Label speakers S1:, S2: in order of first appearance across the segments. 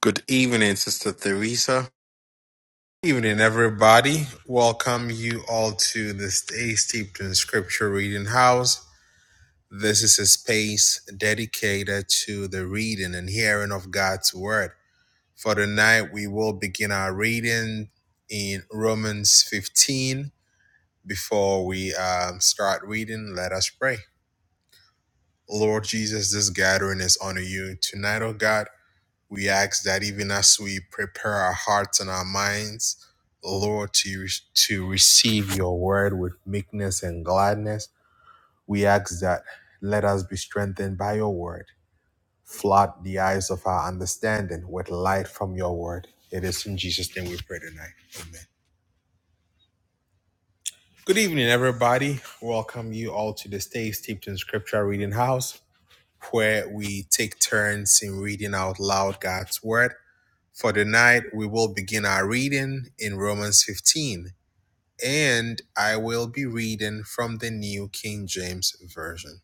S1: Good evening, Sister Theresa. Evening, everybody. Welcome you all to the Stay Steeped in Scripture Reading House. This is a space dedicated to the reading and hearing of God's Word. For tonight, we will begin our reading in Romans 15. Before we um, start reading, let us pray. Lord Jesus, this gathering is under you tonight, oh God. We ask that even as we prepare our hearts and our minds, Lord, to, to receive your word with meekness and gladness, we ask that let us be strengthened by your word. Flood the eyes of our understanding with light from your word. It is in Jesus' name we pray tonight. Amen. Good evening, everybody. Welcome you all to the Stay Steeped in Scripture Reading House, where we take turns in reading out loud God's word For tonight, we will begin our reading in Romans 15, and I will be reading from the New King James Version.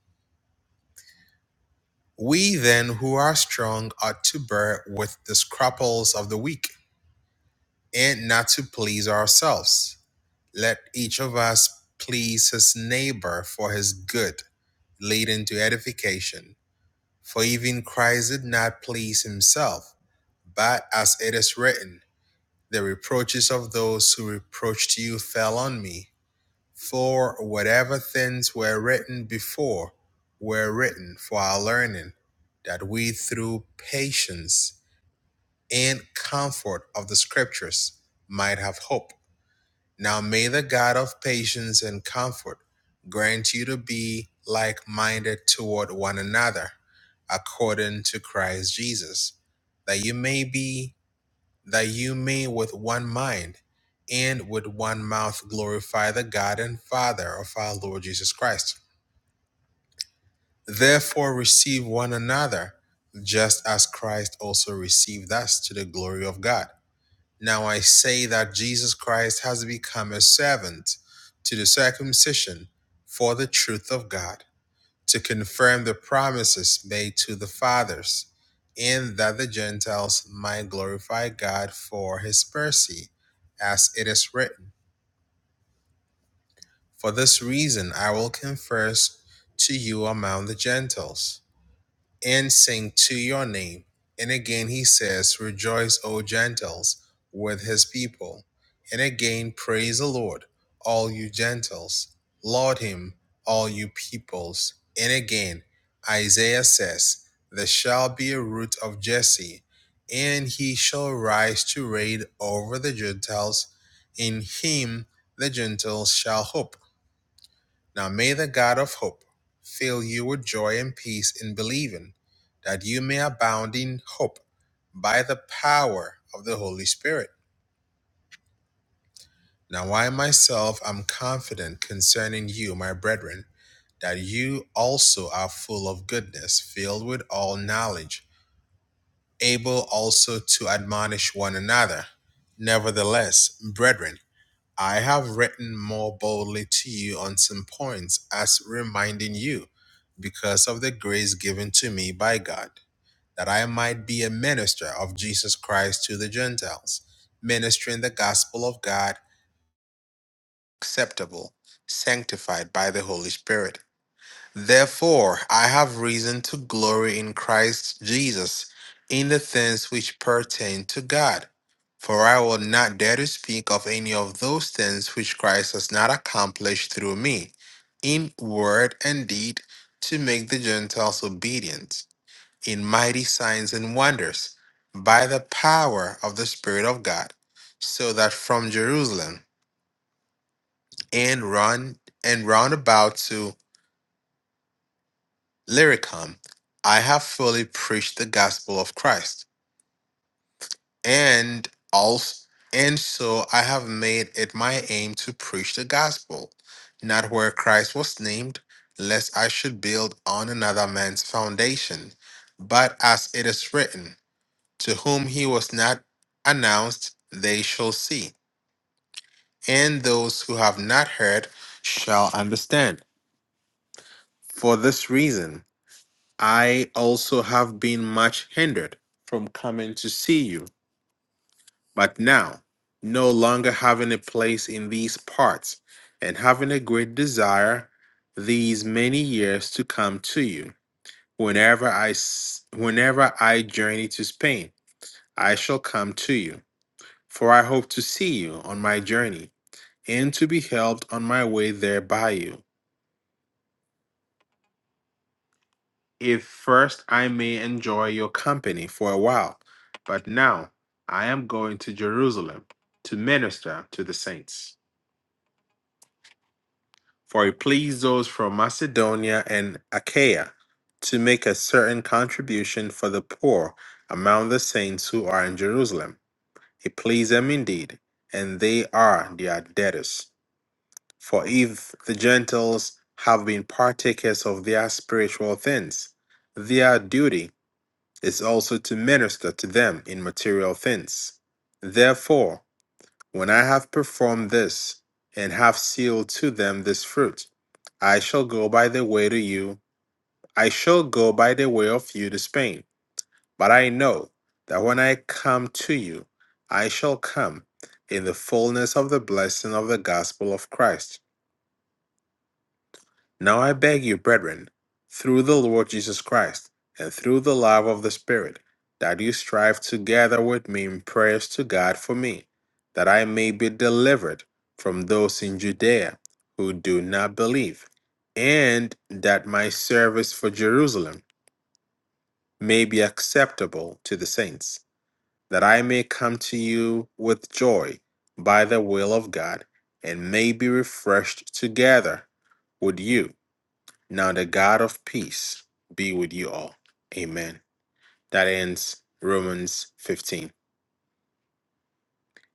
S1: We then who are strong ought to bear with the scruples of the weak, and not to please ourselves. Let each of us please his neighbor for his good, leading to edification. For even Christ did not please himself, but as it is written, The reproaches of those who reproached you fell on me, for whatever things were written before were written for our learning, that we through patience and comfort of the Scriptures might have hope. Now may the God of patience and comfort grant you to be like minded toward one another, according to Christ Jesus, that you may be that you may with one mind and with one mouth glorify the God and Father of our Lord Jesus Christ. Therefore, receive one another, just as Christ also received us to the glory of God. Now I say that Jesus Christ has become a servant to the circumcision for the truth of God to confirm the promises made to the fathers, and that the Gentiles might glorify God for his mercy, as it is written. For this reason I will confess to you among the Gentiles and sing to your name. And again he says, Rejoice, O Gentiles, with his people. And again, praise the Lord, all you Gentiles. Laud him, all you peoples. And again, Isaiah says, There shall be a root of Jesse, and he shall rise to reign over the Gentiles. In him the Gentiles shall hope. Now may the God of hope fill you with joy and peace in believing, that you may abound in hope by the power of the Holy Spirit. Now I myself am confident concerning you, my brethren, that you also are full of goodness, filled with all knowledge, able also to admonish one another. Nevertheless, brethren, I have written more boldly to you on some points as reminding you, because of the grace given to me by God, that I might be a minister of Jesus Christ to the Gentiles, ministering the gospel of God acceptable, sanctified by the Holy Spirit Therefore, I have reason to glory in Christ Jesus in the things which pertain to God. For I will not dare to speak of any of those things which Christ has not accomplished through me, in word and deed, to make the Gentiles obedient, in mighty signs and wonders, by the power of the Spirit of God, so that from Jerusalem and round and round about to Lyricum, I have fully preached the gospel of Christ, and also, and so I have made it my aim to preach the gospel, not where Christ was named, lest I should build on another man's foundation, but as it is written, to whom he was not announced, they shall see, and those who have not heard shall understand. For this reason, I also have been much hindered from coming to see you, but now, no longer having a place in these parts, and having a great desire these many years to come to you. Whenever I, s- whenever I journey to Spain, I shall come to you, for I hope to see you on my journey, and to be helped on my way there by you. if first I may enjoy your company for a while, but now I am going to Jerusalem to minister to the saints. For it pleased those from Macedonia and Achaia to make a certain contribution for the poor among the saints who are in Jerusalem. It pleased them indeed, and they are their debtors. For if the Gentiles have been partakers of their spiritual things, their duty is also to minister to them in material things. Therefore, when I have performed this, and have sealed to them this fruit, I shall go by the way to you, I shall go by the way of you to Spain. But I know that when I come to you, I shall come in the fullness of the blessing of the gospel of Christ. Now I beg you, brethren, through the Lord Jesus Christ, and through the love of the Spirit, that you strive together with me in prayers to God for me, that I may be delivered from those in Judea who do not believe, and that my service for Jerusalem may be acceptable to the saints, that I may come to you with joy by the will of God, and may be refreshed together with you. Now the God of peace be with you all. Amen. That ends Romans 15.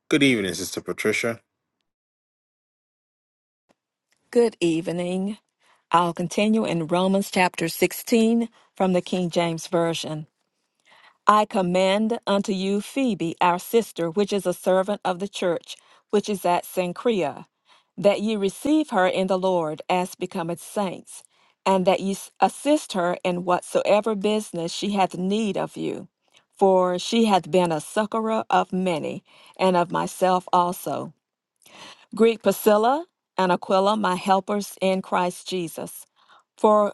S1: Good evening, Sister Patricia.
S2: Good evening. I'll continue in Romans chapter 16 from the King James Version. I commend unto you Phoebe, our sister, which is a servant of the church, which is at Cenchrea, that ye receive her in the Lord as becometh saints, and that ye s- assist her in whatsoever business she hath need of you. For she hath been a succorer of many, and of myself also. Greet Priscilla and Aquila, my helpers in Christ Jesus, for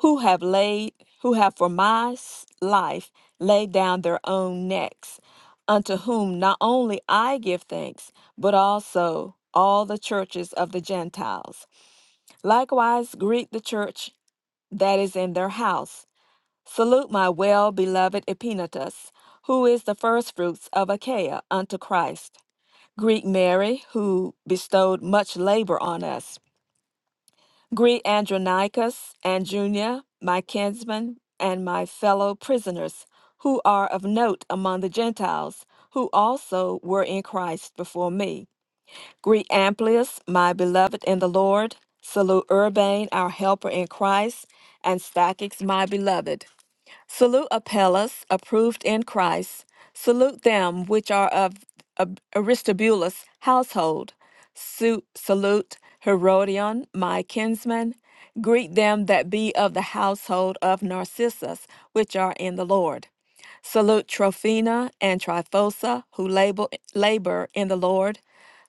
S2: who have laid who have for my s- life laid down their own necks, unto whom not only I give thanks, but also all the churches of the Gentiles. Likewise greet the church that is in their house. Salute my well beloved Epinetus, who is the firstfruits of Achaia unto Christ. Greet Mary, who bestowed much labor on us. Greet Andronicus and Junia, my kinsmen and my fellow prisoners, who are of note among the Gentiles, who also were in Christ before me. Greet Amplius, my beloved in the Lord. Salute Urbane, our helper in Christ, and Stachys, my beloved. Salute Apelles, approved in Christ. Salute them which are of of Aristobulus' household. Su- salute Herodion, my kinsman. Greet them that be of the household of Narcissus, which are in the Lord. Salute Trophina and Tryphosa, who labor, labor in the Lord.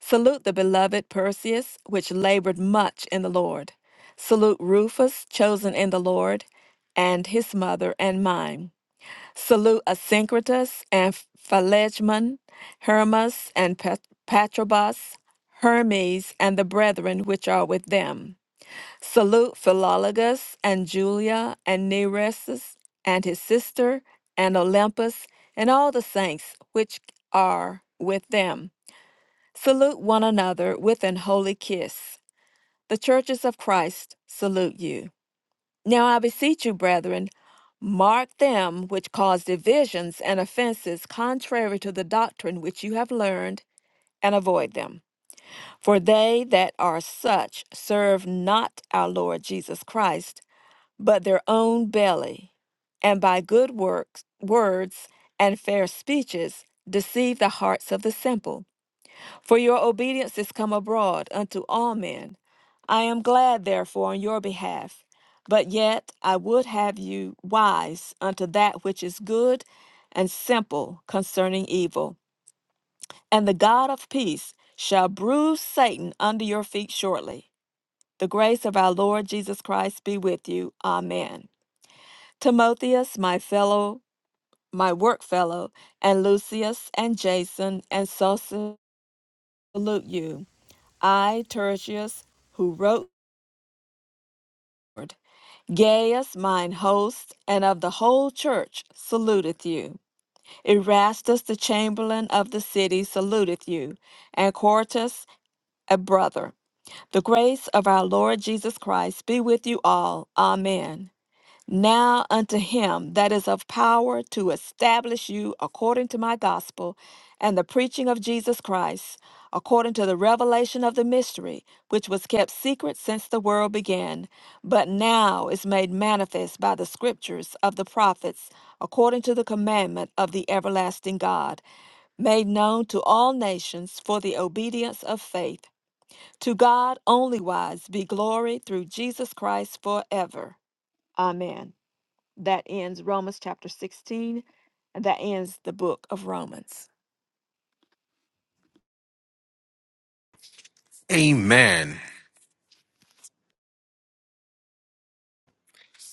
S2: Salute the beloved Perseus, which labored much in the Lord. Salute Rufus, chosen in the Lord, and his mother and mine. Salute Asyncritus and Philegmon, Hermas and Pat- Patrobas, Hermes, and the brethren which are with them. Salute Philologus and Julia and Nereus and his sister and Olympus and all the saints which are with them. Salute one another with an holy kiss. The churches of Christ salute you. Now I beseech you, brethren, mark them which cause divisions and offenses contrary to the doctrine which you have learned, and avoid them. For they that are such serve not our Lord Jesus Christ but their own belly, and by good works, words and fair speeches deceive the hearts of the simple. For your obedience is come abroad unto all men. I am glad, therefore, on your behalf. But yet I would have you wise unto that which is good and simple concerning evil. And the God of peace shall bruise Satan under your feet shortly. The grace of our Lord Jesus Christ be with you. Amen. Timotheus, my fellow, my work fellow, and Lucius and Jason and Sosa salute you. I, Tertius, who wrote, Gaius, mine host, and of the whole church, saluteth you. Erastus, the chamberlain of the city, saluteth you, and Quartus, a brother. The grace of our Lord Jesus Christ be with you all. Amen. Now unto him that is of power to establish you according to my gospel and the preaching of Jesus Christ, according to the revelation of the mystery, which was kept secret since the world began, but now is made manifest by the scriptures of the prophets, according to the commandment of the everlasting God, made known to all nations for the obedience of faith. To God only wise be glory through Jesus Christ forever. Amen. That ends Romans chapter 16, and that ends the book of Romans.
S1: Amen.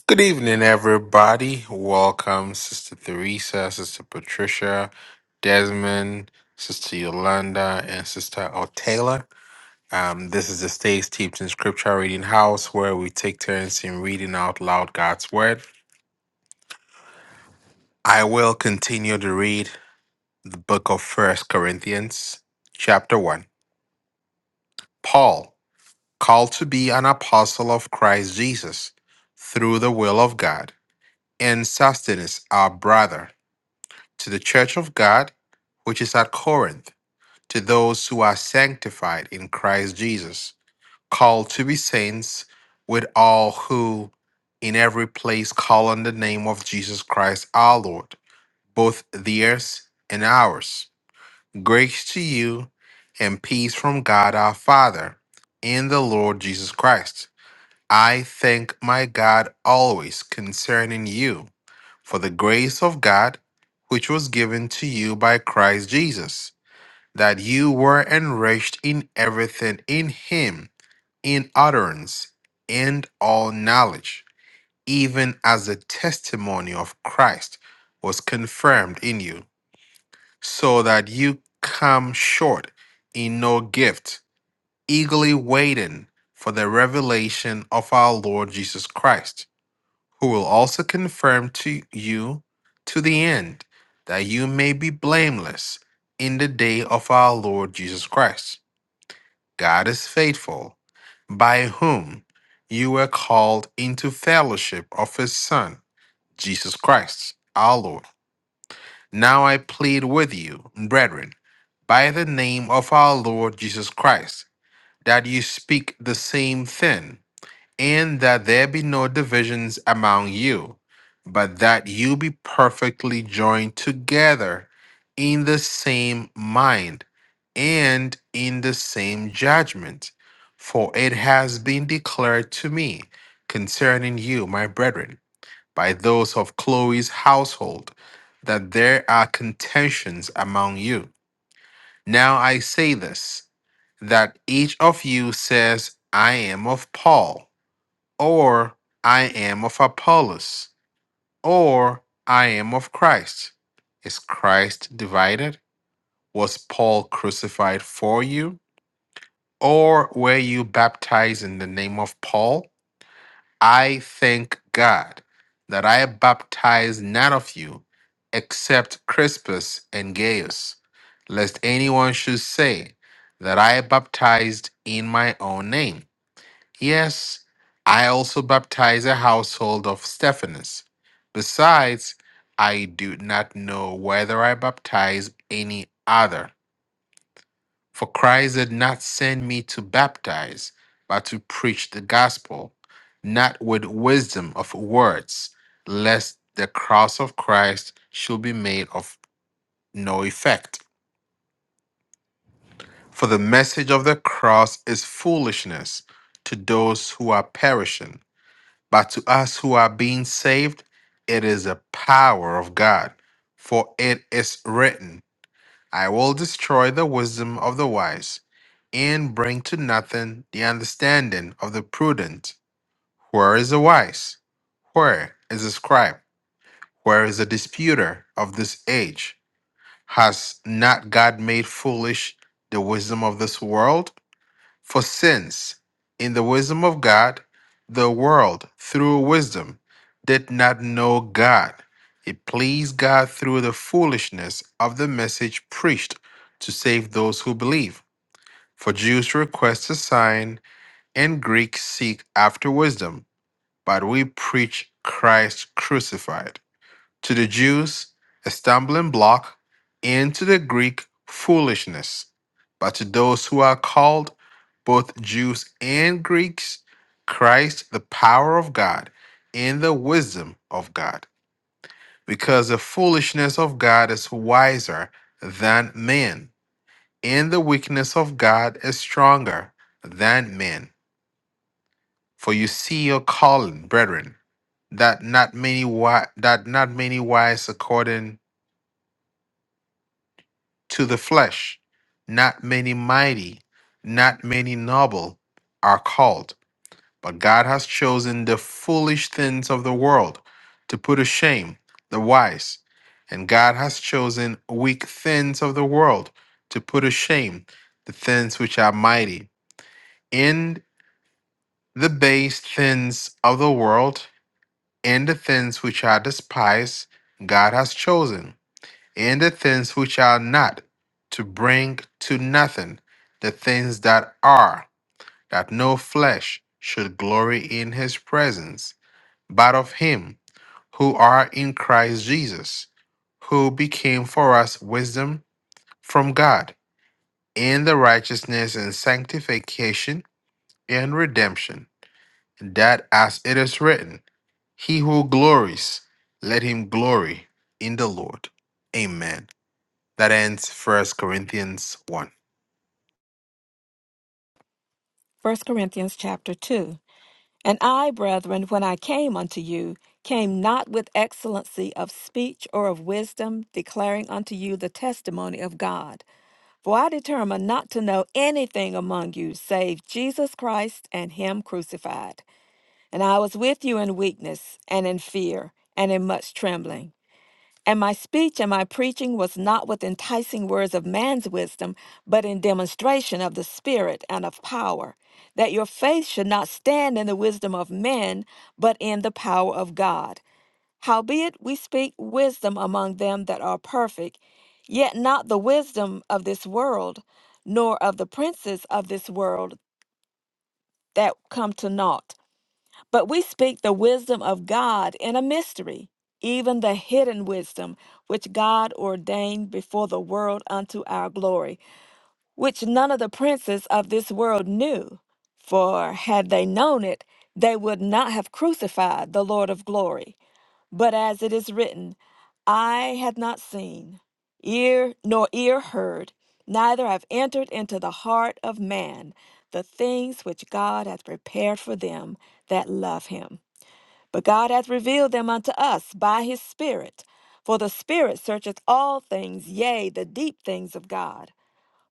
S1: Good evening, everybody. Welcome, Sister Theresa, Sister Patricia, Desmond, Sister Yolanda, and Sister Otayla. Um, this is the Stays Steeped in Scripture Reading House where we take turns in reading out loud God's Word. I will continue to read the book of First Corinthians, chapter 1. Paul, called to be an apostle of Christ Jesus through the will of God, and Sosthenes, our brother, to the church of God, which is at Corinth, to those who are sanctified in Christ Jesus, called to be saints, with all who in every place call on the name of Jesus Christ our Lord, both theirs and ours. Grace to you and peace from God our Father and the Lord Jesus Christ. I thank my God always concerning you for the grace of God which was given to you by Christ Jesus, that you were enriched in everything in Him, in utterance and all knowledge, even as the testimony of Christ was confirmed in you, so that you come short in no gift, eagerly waiting for the revelation of our Lord Jesus Christ who will also confirm to you to the end that you may be blameless in the day of our Lord Jesus Christ. God is faithful, by whom you were called into fellowship of his Son, Jesus Christ, our Lord. Now I plead with you, brethren, by the name of our Lord Jesus Christ, that you speak the same thing and that there be no divisions among you, but that you be perfectly joined together in the same mind and in the same judgment. For it has been declared to me concerning you, my brethren, by those of Chloe's household, that there are contentions among you. Now I say this that each of you says, I am of Paul or I am of Apollos, or I am of Christ. Is Christ divided? Was Paul crucified for you? Or were you baptized in the name of Paul? I thank God that I baptized none of you except Crispus and Gaius, lest anyone should say that I baptized in my own name. Yes, I also baptize a household of Stephanus. Besides, I do not know whether I baptize any other. For Christ did not send me to baptize, but to preach the gospel, not with wisdom of words, lest the cross of Christ should be made of no effect. For the message of the cross is foolishness to those who are perishing But to us who are being saved, it is the power of God. For it is written, I will destroy the wisdom of the wise and bring to nothing the understanding of the prudent. Where is the wise? Where is the scribe? Where is the disputer of this age? Has not God made foolish the wisdom of this world? For since, in the wisdom of God, the world through wisdom did not know God, it pleased God through the foolishness of the message preached to save those who believe. For Jews request a sign, and Greeks seek after wisdom, but we preach Christ crucified to the Jews a stumbling block, and to the Greek foolishness. But to those who are called, both Jews and Greeks, Christ the power of God and the wisdom of God. Because the foolishness of God is wiser than men, and the weakness of God is stronger than men. For you see your calling, brethren, that not many wi- that not many wise according to the flesh. Not many mighty, not many noble are called, but God has chosen the foolish things of the world to put to shame the wise, and God has chosen weak things of the world to put to shame the things which are mighty, and the base things of the world, and the things which are despised, God has chosen and the things which are not, to bring to nothing the things that are, that no flesh should glory in his presence, but of him who are in Christ Jesus, who became for us wisdom from God, in the righteousness and sanctification and redemption, that as it is written, he who glories, let him glory in the Lord. Amen. That ends First Corinthians 1.
S2: First Corinthians chapter 2. And I, brethren, when I came unto you, came not with excellency of speech or of wisdom, declaring unto you the testimony of God. For I determined not to know anything among you save Jesus Christ and Him crucified. And I was with you in weakness, and in fear, and in much trembling. And my speech and my preaching was not with enticing words of man's wisdom, but in demonstration of the Spirit and of power, that your faith should not stand in the wisdom of men, but in the power of God. Howbeit we speak wisdom among them that are perfect, yet not the wisdom of this world, nor of the princes of this world that come to naught. But we speak the wisdom of God in a mystery, even the hidden wisdom which God ordained before the world unto our glory, which none of the princes of this world knew. For had they known it, they would not have crucified the Lord of glory. But as it is written, I had not seen, ear nor ear heard, neither have entered into the heart of man the things which God hath prepared for them that love him. But God hath revealed them unto us by his Spirit. For the Spirit searcheth all things, yea, the deep things of God.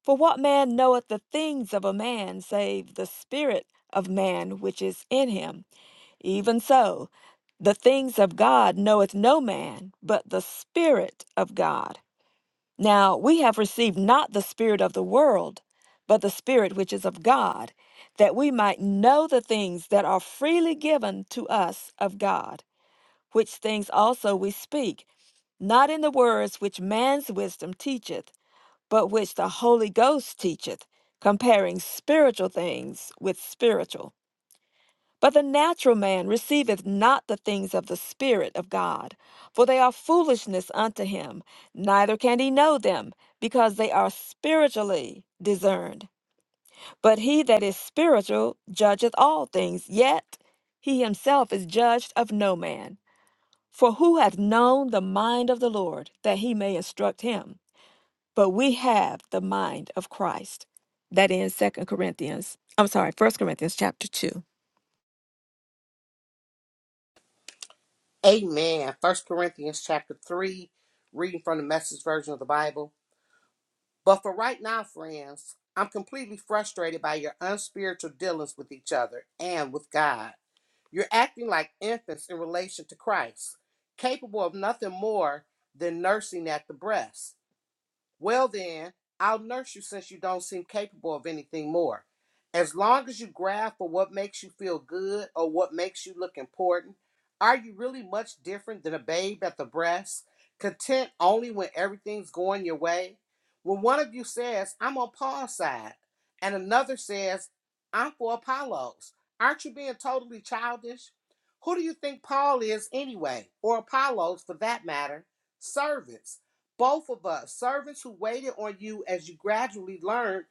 S2: For what man knoweth the things of a man, save the Spirit of man which is in him? Even so, the things of God knoweth no man, but the Spirit of God. Now we have received not the Spirit of the world, but the Spirit which is of God, that we might know the things that are freely given to us of God which things also we speak, not in the words which man's wisdom teacheth, but which the Holy Ghost teacheth, comparing spiritual things with spiritual. But the natural man receiveth not the things of the Spirit of God, for they are foolishness unto him, neither can he know them, because they are spiritually discerned. But he that is spiritual judgeth all things, yet he himself is judged of no man. For who hath known the mind of the Lord that he may instruct him? But we have the mind of Christ. That ends Second Corinthians, I'm sorry, First Corinthians chapter 2.
S3: Amen. First Corinthians chapter three, reading from the message version of the Bible. But for right now, friends, I'm completely frustrated by your unspiritual dealings with each other and with God. You're acting like infants in relation to Christ, capable of nothing more than nursing at the breast. Well, then, I'll nurse you since you don't seem capable of anything more. As long as you grab for what makes you feel good or what makes you look important, are you really much different than a babe at the breast, content only when everything's going your way? When one of you says, I'm on Paul's side, and another says, I'm for Apollo's, aren't you being totally childish? Who do you think Paul is anyway, or Apollo's for that matter? Servants both of us, servants who waited on you as you gradually learned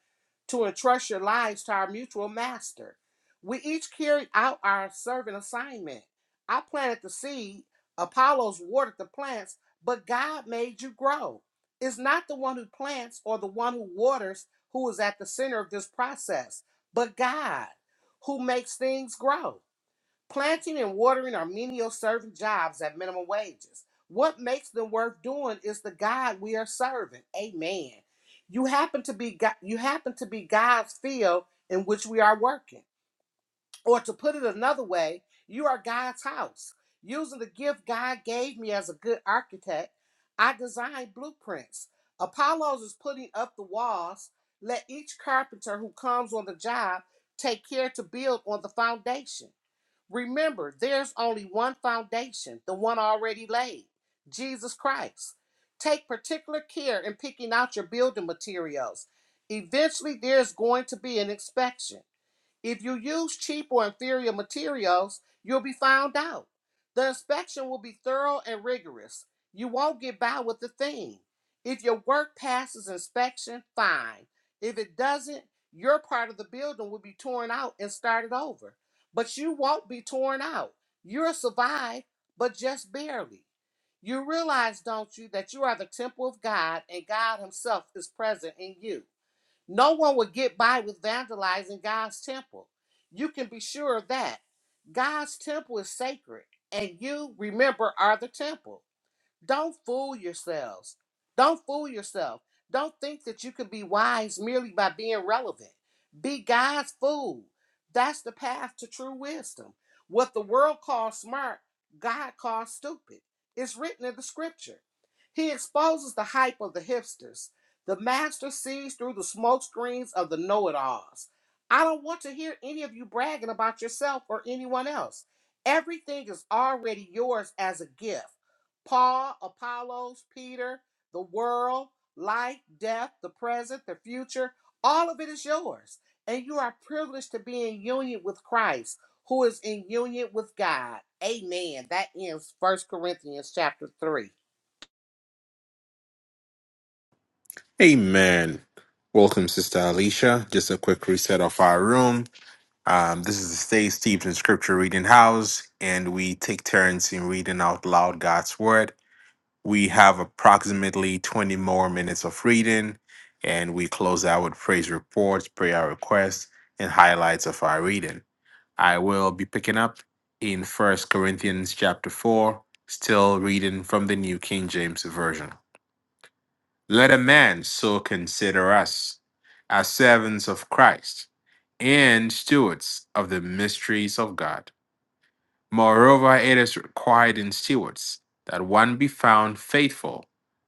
S3: to entrust your lives to our mutual master. We each carried out our servant assignment. I planted the seed, Apollos watered the plants, but God made you grow. It's not the one who plants or the one who waters who is at the center of this process, but God who makes things grow. Planting and watering are menial servant jobs at minimum wages. What makes them worth doing is the God we are serving. Amen. You happen to be God, you happen to be God's field in which we are working. Or to put it another way, you are God's house. Using the gift God gave me as a good architect, I designed blueprints. Apollos is putting up the walls. Let each carpenter who comes on the job take care to build on the foundation. Remember, there's only one foundation, the one already laid Jesus Christ. Take particular care in picking out your building materials. Eventually, there's going to be an inspection. If you use cheap or inferior materials, you'll be found out. The inspection will be thorough and rigorous. You won't get by with a thing. If your work passes inspection, fine. If it doesn't, your part of the building will be torn out and started over. But you won't be torn out. You'll survive, but just barely. You realize, don't you, that you are the temple of God and God Himself is present in you. No one would get by with vandalizing God's temple. You can be sure of that. God's temple is sacred, and you, remember, are the temple. Don't fool yourselves. Don't fool yourself. Don't think that you can be wise merely by being relevant. Be God's fool. That's the path to true wisdom. What the world calls smart, God calls stupid. It's written in the scripture. He exposes the hype of the hipsters. The master sees through the smoke screens of the know it alls. I don't want to hear any of you bragging about yourself or anyone else. Everything is already yours as a gift. Paul, Apollos, Peter, the world, life, death, the present, the future, all of it is yours. And you are privileged to be in union with Christ, who is in union with God. Amen. That ends First Corinthians chapter 3.
S1: Amen. Welcome, Sister Alicia. Just a quick reset of our room. Um, this is the Stay Steeped in Scripture Reading House, and we take turns in reading out loud God's Word. We have approximately 20 more minutes of reading, and we close out with praise reports, prayer requests, and highlights of our reading. I will be picking up in First Corinthians chapter 4, still reading from the New King James Version. Let a man so consider us as servants of Christ and stewards of the mysteries of God. Moreover, it is required in stewards that one be found faithful.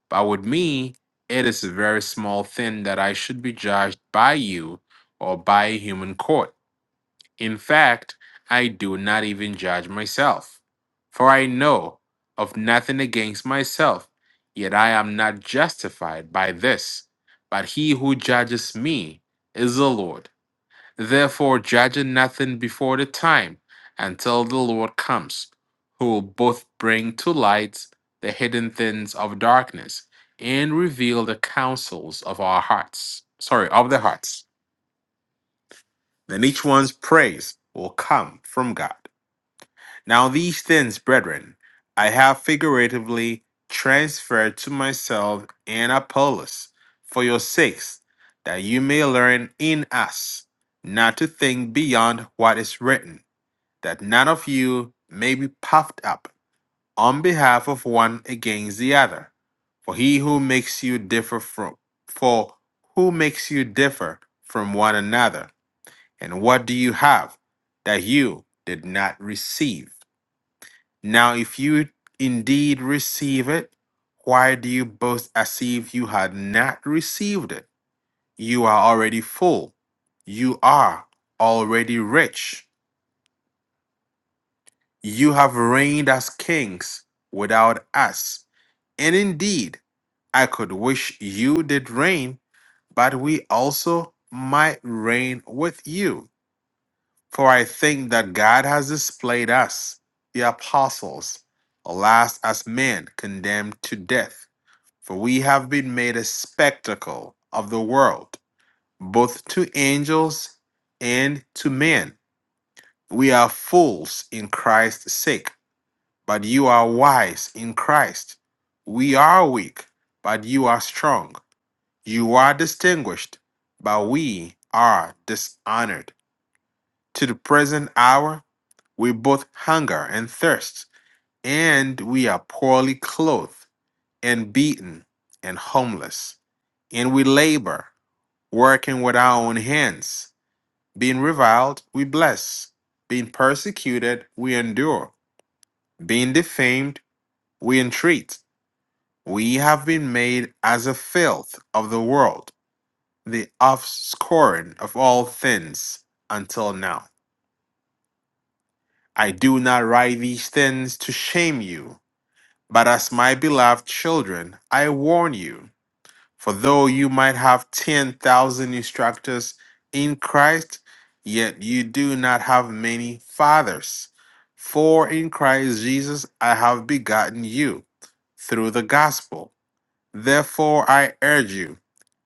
S1: But with me, it is a very small thing that I should be judged by you or by a human court. In fact, I do not even judge myself, for I know of nothing against myself, yet I am not justified by this. But he who judges me is the Lord. Therefore, judging nothing before the time until the Lord comes, who will both bring to light the hidden things of darkness and reveal the counsels of our hearts. Sorry, of the hearts. Then each one's praise will come from God. Now these things, brethren, I have figuratively transferred to myself and Apollos for your sakes, that you may learn in us not to think beyond what is written, that none of you may be puffed up on behalf of one against the other. For he who makes you differ from for who makes you differ from one another, and what do you have that you did not receive? Now, if you indeed receive it, why do you boast as if you had not received it? You are already full. You are already rich. You have reigned as kings without us. And indeed, I could wish you did reign, but we also might reign with you. For I think that God has displayed us, the apostles, alas, as men condemned to death For we have been made a spectacle of the world, both to angels and to men. We are fools in Christ's sake, but you are wise in Christ. We are weak, but you are strong. You are distinguished, but we are dishonored. To the present hour, we both hunger and thirst, and we are poorly clothed, and beaten, and homeless, and we labor working with our own hands. Being reviled, we bless. Being persecuted, we endure. Being defamed, we entreat. We have been made as a filth of the world, the offscouring of all things until now. I do not write these things to shame you, but as my beloved children, I warn you. For though you might have 10,000 instructors in Christ, yet you do not have many fathers. For in Christ Jesus I have begotten you through the gospel. Therefore I urge you,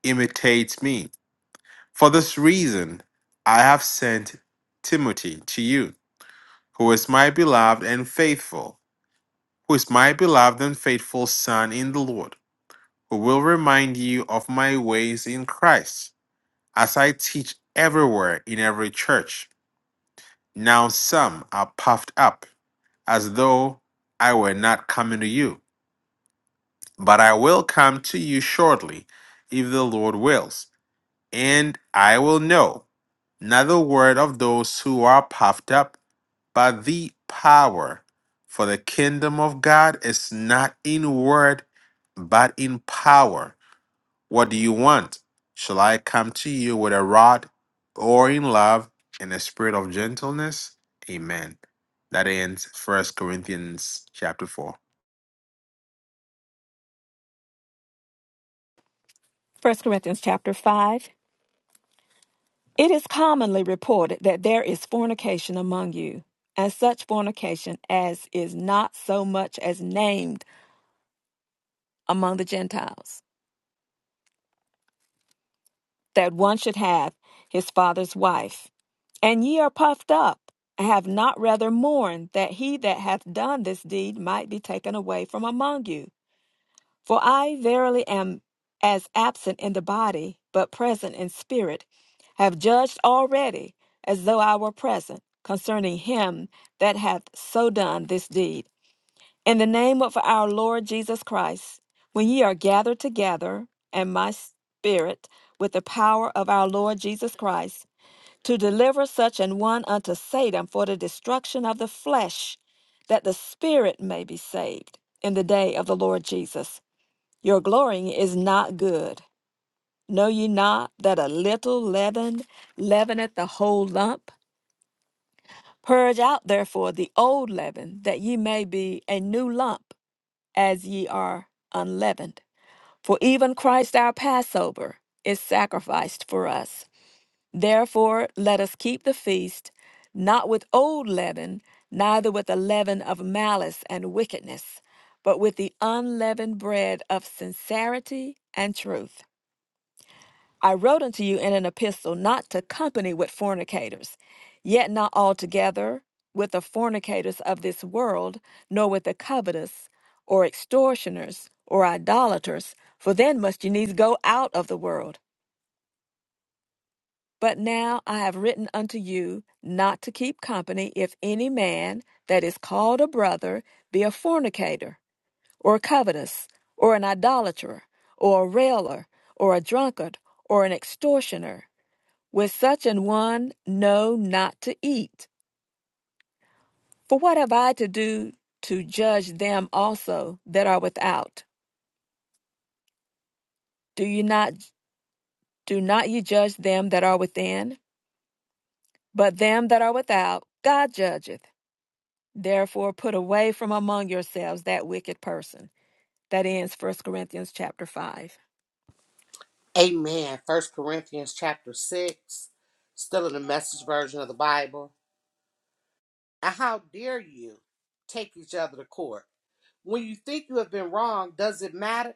S1: imitate me. For this reason I have sent Timothy to you, who is my beloved and faithful, who is my beloved and faithful son in the Lord, who will remind you of my ways in Christ as I teach everywhere in every church. Now some are puffed up, as though I were not coming to you. But I will come to you shortly, if the Lord wills, and I will know not the word of those who are puffed up, but the power. For the kingdom of God is not in word, but in power. What do you want? Shall I come to you with a rod or in love and a spirit of gentleness? Amen. That ends First Corinthians chapter 4.
S2: 1 Corinthians chapter 5. It is commonly reported that there is fornication among you, and such fornication as is not so much as named among the Gentiles that one should have his father's wife. And ye are puffed up, and have not rather mourned that he that hath done this deed might be taken away from among you. For I verily am as absent in the body, but present in spirit, have judged already, as though I were present, concerning him that hath so done this deed. In the name of our Lord Jesus Christ, when ye are gathered together, and my spirit with the power of our Lord Jesus Christ, to deliver such an one unto Satan for the destruction of the flesh, that the spirit may be saved in the day of the Lord Jesus. Your glorying is not good. Know ye not that a little leaven leaveneth the whole lump? Purge out therefore the old leaven, that ye may be a new lump as ye are unleavened. For even Christ our Passover is sacrificed for us. Therefore, let us keep the feast, not with old leaven, neither with the leaven of malice and wickedness, but with the unleavened bread of sincerity and truth. I wrote unto you in an epistle not to company with fornicators, yet not altogether with the fornicators of this world, nor with the covetous, or extortioners, or idolaters, for then must you needs go out of the world. But now I have written unto you not to keep company if any man that is called a brother be a fornicator, or covetous, or an idolater, or a railer, or a drunkard, or an extortioner with such an one, know not to eat. For what have I to do to judge them also that are without? Do you not do not ye judge them that are within? But them that are without, God judgeth. Therefore put away from among yourselves that wicked person. That ends First Corinthians chapter 5.
S3: Amen. First Corinthians chapter 6, still in the message version of the Bible. And how dare you take each other to court? When you think you have been wrong, does it matter?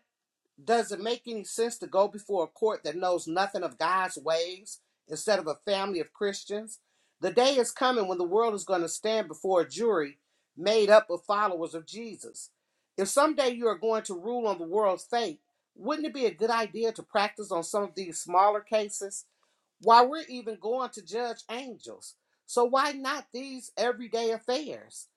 S3: Does it make any sense to go before a court that knows nothing of God's ways instead of a family of Christians? The day is coming when the world is going to stand before a jury made up of followers of Jesus. If someday you are going to rule on the world's fate, wouldn't it be a good idea to practice on some of these smaller cases? why we're even going to judge angels. So why not these everyday affairs?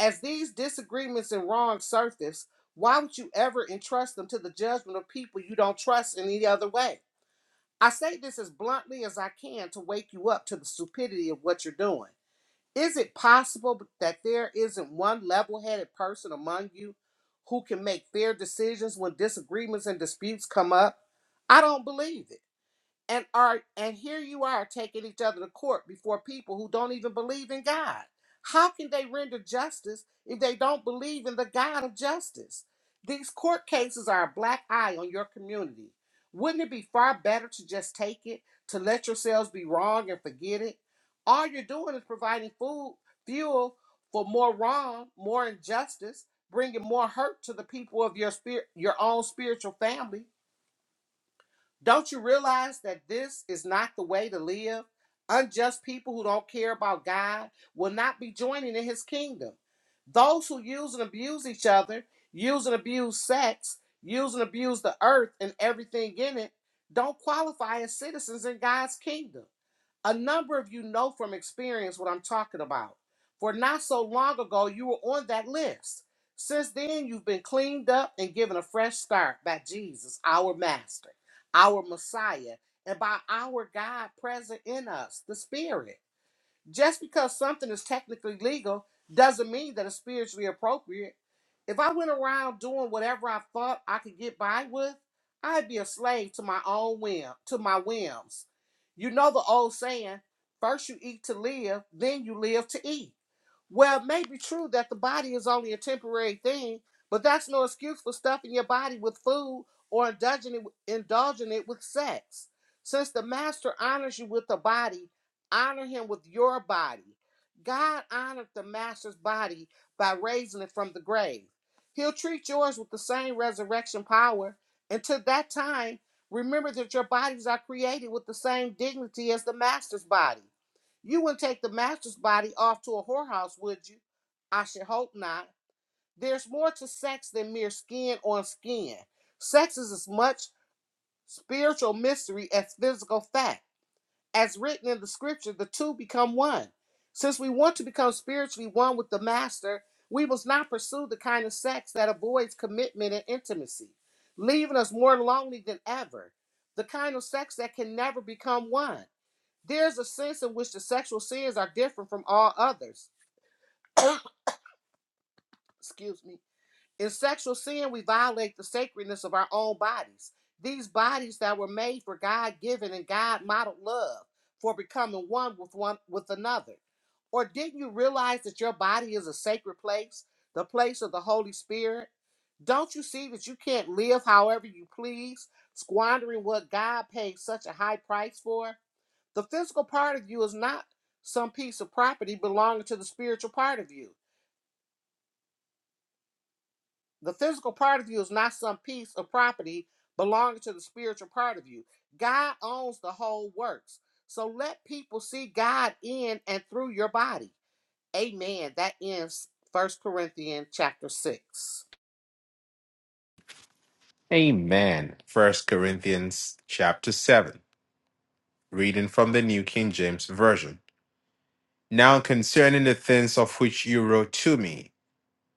S3: As these disagreements and wrongs surface, why would you ever entrust them to the judgment of people you don't trust in any other way? I say this as bluntly as I can to wake you up to the stupidity of what you're doing. Is it possible that there isn't one level headed person among you who can make fair decisions when disagreements and disputes come up? I don't believe it and are and here you are taking each other to court before people who don't even believe in God. How can they render justice if they don't believe in the God of justice? These court cases are a black eye on your community. Wouldn't it be far better to just take it, to let yourselves be wrong and forget it? All you're doing is providing food, fuel for more wrong, more injustice, bringing more hurt to the people of your spirit, your own spiritual family. Don't you realize that this is not the way to live? Unjust people who don't care about God will not be joining in his kingdom. Those who use and abuse each other, use and abuse sex, use and abuse the earth and everything in it, don't qualify as citizens in God's kingdom. A number of you know from experience what I'm talking about. For not so long ago, you were on that list. Since then, you've been cleaned up and given a fresh start by Jesus, our Master, our Messiah, and by our God present in us, the Spirit. Just because something is technically legal doesn't mean that it's spiritually appropriate if I went around doing whatever I thought I could get by with, I'd be a slave to my own whim, to my whims. You know the old saying, first you eat to live, then you live to eat. Well, it may be true that the body is only a temporary thing, but that's no excuse for stuffing your body with food or indulging it, indulging it with sex. Since the master honors you with the body, honor him with your body. God honored the master's body by raising it from the grave. He'll treat yours with the same resurrection power. Until that time, remember that your bodies are created with the same dignity as the master's body. You wouldn't take the master's body off to a whorehouse, would you? I should hope not. There's more to sex than mere skin on skin. Sex is as much spiritual mystery as physical fact. As written in the scripture, the two become one. Since we want to become spiritually one with the master, we must not pursue the kind of sex that avoids commitment and intimacy, leaving us more lonely than ever. The kind of sex that can never become one. There's a sense in which the sexual sins are different from all others. Excuse me. In sexual sin, we violate the sacredness of our own bodies. These bodies that were made for God given and God modeled love for becoming one with one with another. Or didn't you realize that your body is a sacred place, the place of the Holy Spirit? Don't you see that you can't live however you please, squandering what God paid such a high price for? The physical part of you is not some piece of property belonging to the spiritual part of you. The physical part of you is not some piece of property belonging to the spiritual part of you. God owns the whole works. So let people see God in and through your body. Amen. That ends First Corinthians chapter 6.
S1: Amen. First Corinthians chapter 7. Reading from the New King James Version. Now concerning the things of which you wrote to me,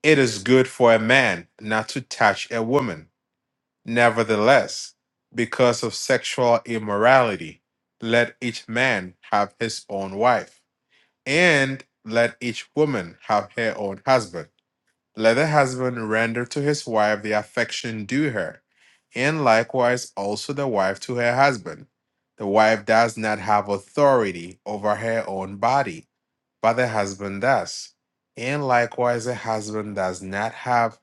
S1: it is good for a man not to touch a woman. Nevertheless, because of sexual immorality, let each man have his own wife, and let each woman have her own husband. Let the husband render to his wife the affection due her, and likewise also the wife to her husband. The wife does not have authority over her own body, but the husband does. And likewise, the husband does not have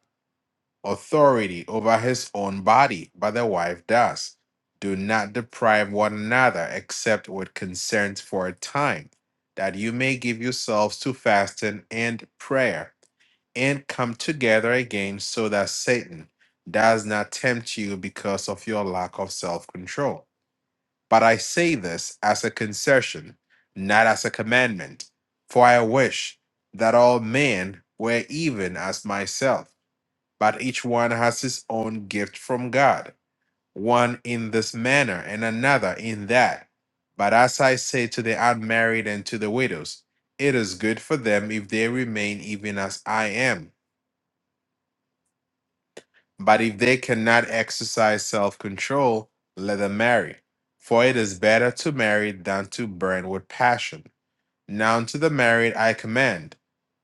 S1: authority over his own body, but the wife does. Do not deprive one another except with consent for a time, that you may give yourselves to fasting and prayer, and come together again, so that Satan does not tempt you because of your lack of self control. But I say this as a concession, not as a commandment, for I wish that all men were even as myself but each one has his own gift from God, one in this manner and another in that. But as I say to the unmarried and to the widows, it is good for them if they remain even as I am. But if they cannot exercise self control, let them marry. For it is better to marry than to burn with passion. Now to the married I command,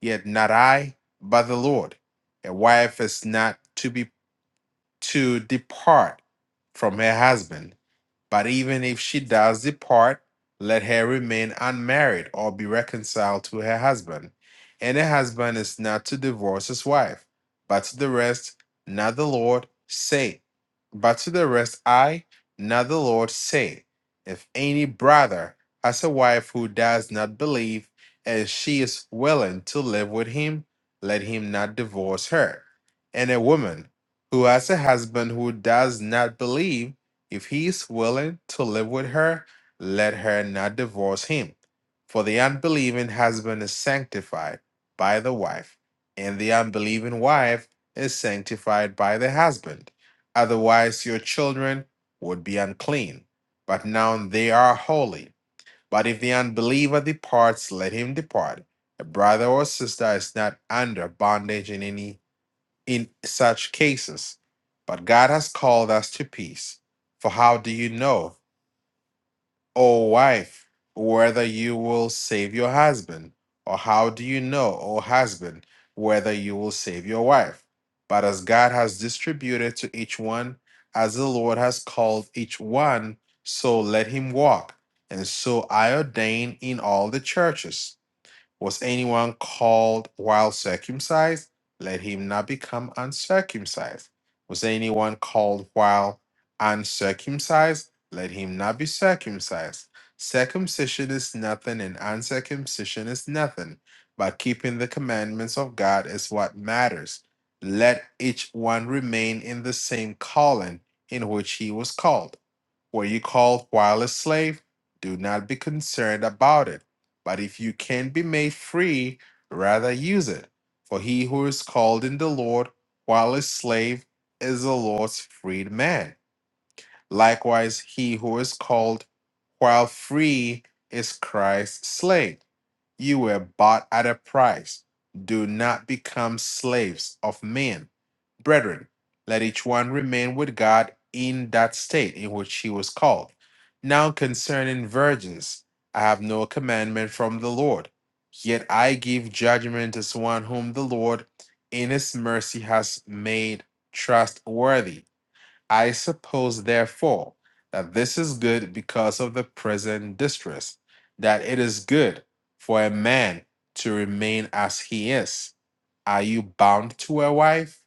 S1: yet not I, but the Lord. A wife is not to be to depart from her husband but even if she does depart, let her remain unmarried or be reconciled to her husband. And her husband is not to divorce his wife. But to the rest, not the Lord, say. But to the rest, I, not the Lord, say. If any brother has a wife who does not believe, and she is willing to live with him, let him not divorce her. And a woman who has a husband who does not believe, if he is willing to live with her, let her not divorce him. For the unbelieving husband is sanctified by the wife, and the unbelieving wife is sanctified by the husband. Otherwise, your children would be unclean, but now they are holy. But if the unbeliever departs, let him depart. A brother or sister is not under bondage in any in such cases. But God has called us to peace. For how do you know, O wife, whether you will save your husband? Or how do you know, O husband, whether you will save your wife? But as God has distributed to each one, as the Lord has called each one, so let him walk. And so I ordain in all the churches. Was anyone called while circumcised? Let him not become uncircumcised. Was anyone called while uncircumcised? Let him not be circumcised. Circumcision is nothing, and uncircumcision is nothing, but keeping the commandments of God is what matters. Let each one remain in the same calling in which he was called. Were you called while a slave? Do not be concerned about it. But if you can be made free, rather use it. For he who is called in the Lord while a slave is the Lord's freed man. Likewise, he who is called while free is Christ's slave. You were bought at a price. Do not become slaves of men. Brethren, let each one remain with God in that state in which he was called. Now concerning virgins, I have no commandment from the Lord, yet I give judgment as one whom the Lord in his mercy has made trustworthy I suppose, therefore, that this is good because of the present distress, that it is good for a man to remain as he is. Are you bound to a wife?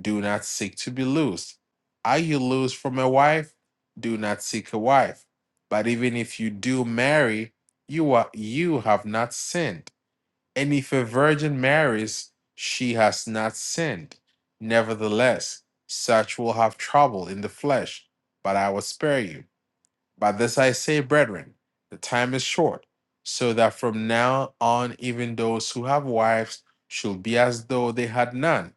S1: Do not seek to be loosed. Are you loosed from a wife? Do not seek a wife. But even if you do marry, you are you have not sinned and if a virgin marries, she has not sinned. Nevertheless, such will have trouble in the flesh, but I will spare you. By this I say, brethren, the time is short, so that from now on even those who have wives should be as though they had none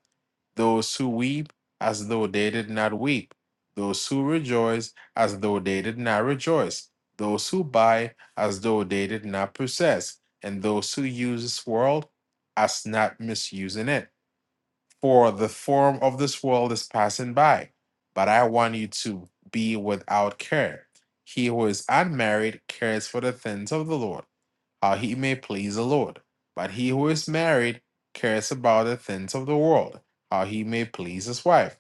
S1: those who weep as though they did not weep. Those who rejoice as though they did not rejoice. Those who buy as though they did not possess. And those who use this world as not misusing it. For the form of this world is passing by. But I want you to be without care. He who is unmarried cares for the things of the Lord how he may please the Lord. But he who is married cares about the things of the world, how he may please his wife.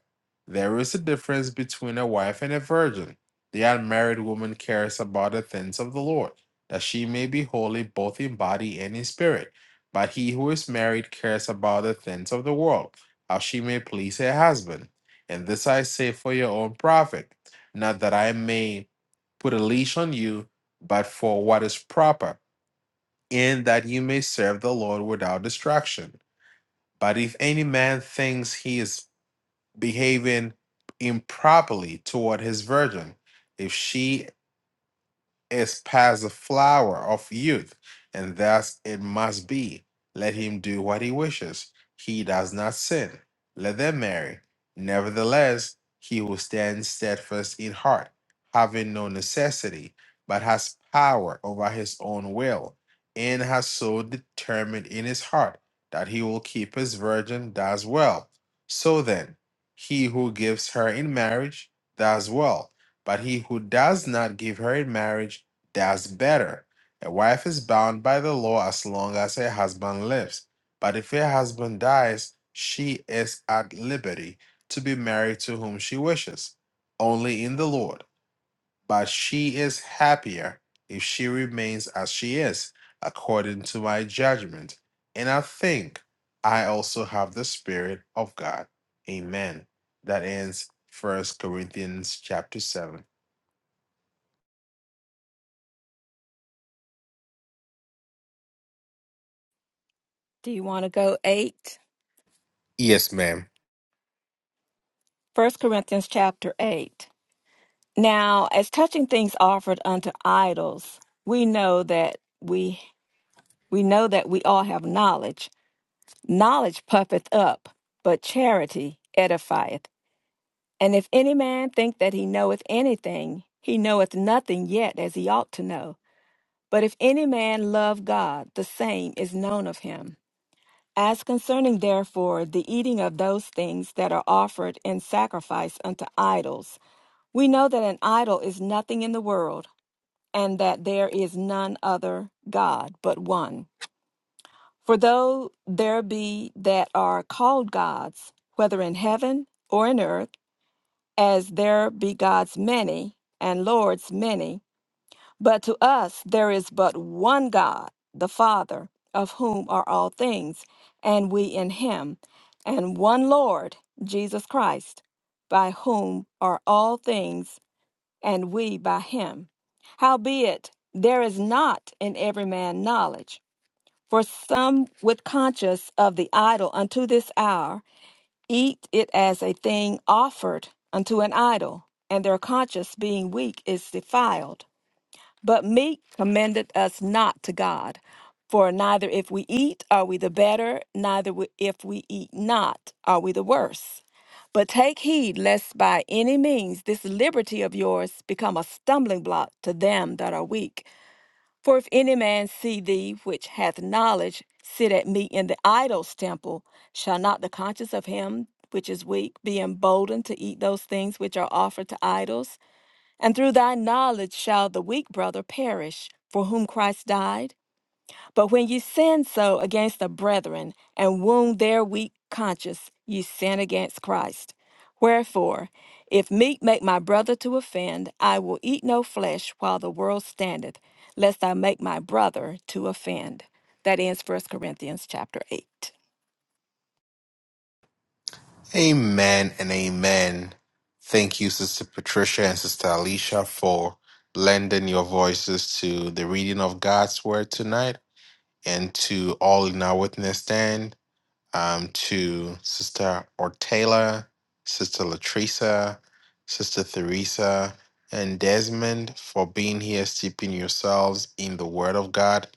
S1: There is a difference between a wife and a virgin. The unmarried woman cares about the things of the Lord, that she may be holy both in body and in spirit. But he who is married cares about the things of the world, how she may please her husband. And this I say for your own profit, not that I may put a leash on you, but for what is proper in that you may serve the Lord without distraction. But if any man thinks he is behaving improperly toward his virgin, if she is past the flower of youth, and thus it must be. Let him do what he wishes. He does not sin. Let them marry. Nevertheless, he will stand steadfast in heart, having no necessity, but has power over his own will, and has so determined in his heart that he will keep his virgin does well. So then, he who gives her in marriage does well but he who does not give her in marriage does better. A wife is bound by the law as long as her husband lives. But if her husband dies, she is at liberty to be married to whom she wishes, only in the Lord. But she is happier if she remains as she is, according to my judgment. And I think I also have the Spirit of God. Amen. That ends First Corinthians chapter 7.
S2: Do you want to go 8?
S1: Yes, ma'am.
S2: First Corinthians chapter 8. Now, as touching things offered unto idols, we know that we we know that we all have knowledge. Knowledge puffeth up, but charity edifieth. And if any man think that he knoweth anything, he knoweth nothing yet as he ought to know. But if any man love God, the same is known of him. As concerning therefore the eating of those things that are offered in sacrifice unto idols, we know that an idol is nothing in the world and that there is none other God but one. For though there be that are called gods, whether in heaven or in earth, as there be gods many and lords many, but to us there is but one God, the Father, of whom are all things, and we in him, and one Lord, Jesus Christ, by whom are all things and we by him. Howbeit, there is not in every man knowledge. For some with conscience of the idol unto this hour eat it as a thing offered unto an idol, and their conscience being weak is defiled. But meat commended us not to God. For neither if we eat are we the better, neither we- if we eat not are we the worse. But take heed lest by any means this liberty of yours become a stumbling block to them that are weak. For if any man see thee which hath knowledge sit at meat in the idol's temple, shall not the conscience of him which is weak be emboldened to eat those things which are offered to idols? And through thy knowledge shall the weak brother perish, for whom Christ died. But when ye sin so against the brethren, and wound their weak conscience, ye sin against Christ. Wherefore, if meat make my brother to offend, I will eat no flesh while the world standeth, lest I make my brother to offend. That ends First Corinthians chapter 8.
S1: Amen and amen. Thank you, Sister Patricia and Sister Alicia, for lending your voices to the reading of God's word tonight and to all in our witness stand, um, to Sister Ortela, Sister Latresa, Sister Theresa, and Desmond for being here, steeping yourselves in the word of God.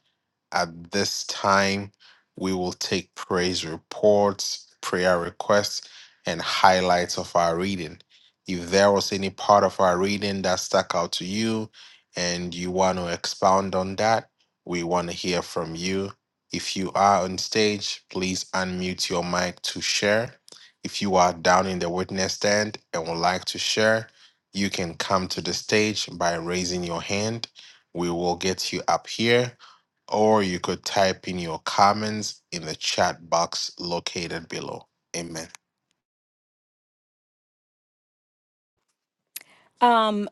S1: At this time, we will take praise reports, prayer requests, and highlights of our reading. If there was any part of our reading that stuck out to you and you want to expound on that, we want to hear from you. If you are on stage, please unmute your mic to share. If you are down in the witness stand and would like to share, you can come to the stage by raising your hand. We will get you up here or you could type in your comments in the chat box located below. Amen.
S2: Um,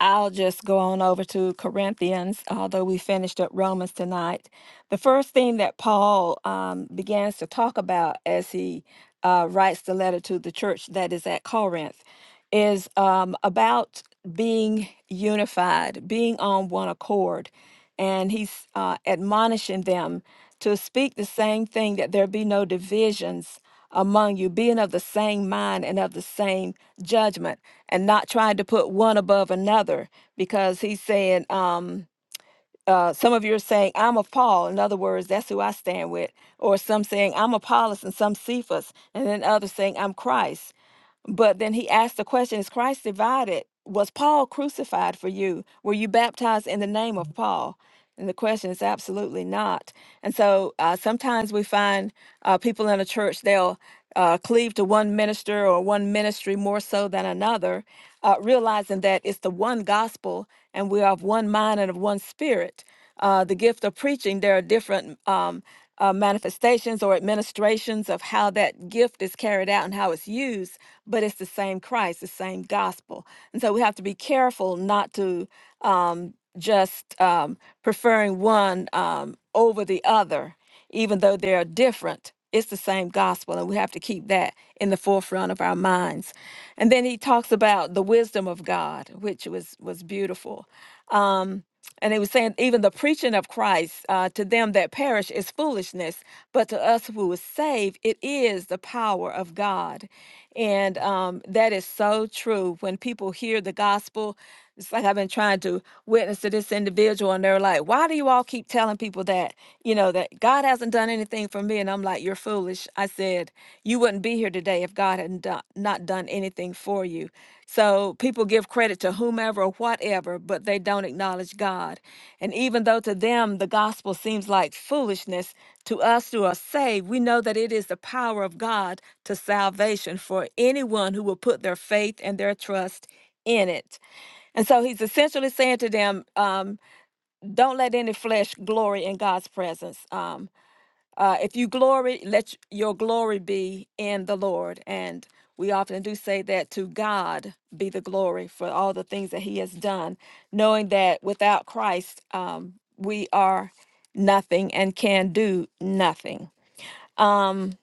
S2: I'll just go on over to Corinthians, although we finished up Romans tonight. The first thing that Paul um, begins to talk about as he uh, writes the letter to the church that is at Corinth is um, about being unified, being on one accord. And he's uh, admonishing them to speak the same thing, that there be no divisions among you, being of the same mind and of the same judgment and not trying to put one above another because he's saying um uh, some of you are saying I'm of Paul. In other words, that's who I stand with. Or some saying I'm Apollos and some Cephas, and then others saying I'm Christ. But then he asked the question: Is Christ divided? Was Paul crucified for you? Were you baptized in the name of Paul? And the question is absolutely not. And so uh, sometimes we find uh, people in a church they'll uh, cleave to one minister or one ministry more so than another uh, realizing that it's the one gospel and we are of one mind and of one spirit uh, the gift of preaching there are different um, uh, manifestations or administrations of how that gift is carried out and how it's used but it's the same christ the same gospel and so we have to be careful not to um, just um, preferring one um, over the other even though they're different. It's the same gospel, and we have to keep that in the forefront of our minds. And then he talks about the wisdom of God, which was was beautiful. Um, and he was saying, even the preaching of Christ uh, to them that perish is foolishness, but to us who is saved, it is the power of God. And um, that is so true. When people hear the gospel, it's like I've been trying to witness to this individual and they're like, why do you all keep telling people that, you know, that God hasn't done anything for me? And I'm like, you're foolish. I said, you wouldn't be here today if God hadn't done, not done anything for you. So people give credit to whomever or whatever, but they don't acknowledge God. And even though to them the gospel seems like foolishness, to us who are saved, we know that it is the power of God to salvation for anyone who will put their faith and their trust in it. And so he's essentially saying to them, um, don't let any flesh glory in God's presence. Um, uh, if you glory, let y- your glory be in the Lord. And we often do say that to God be the glory for all the things that he has done, knowing that without Christ, um, we are nothing and can do nothing. Um,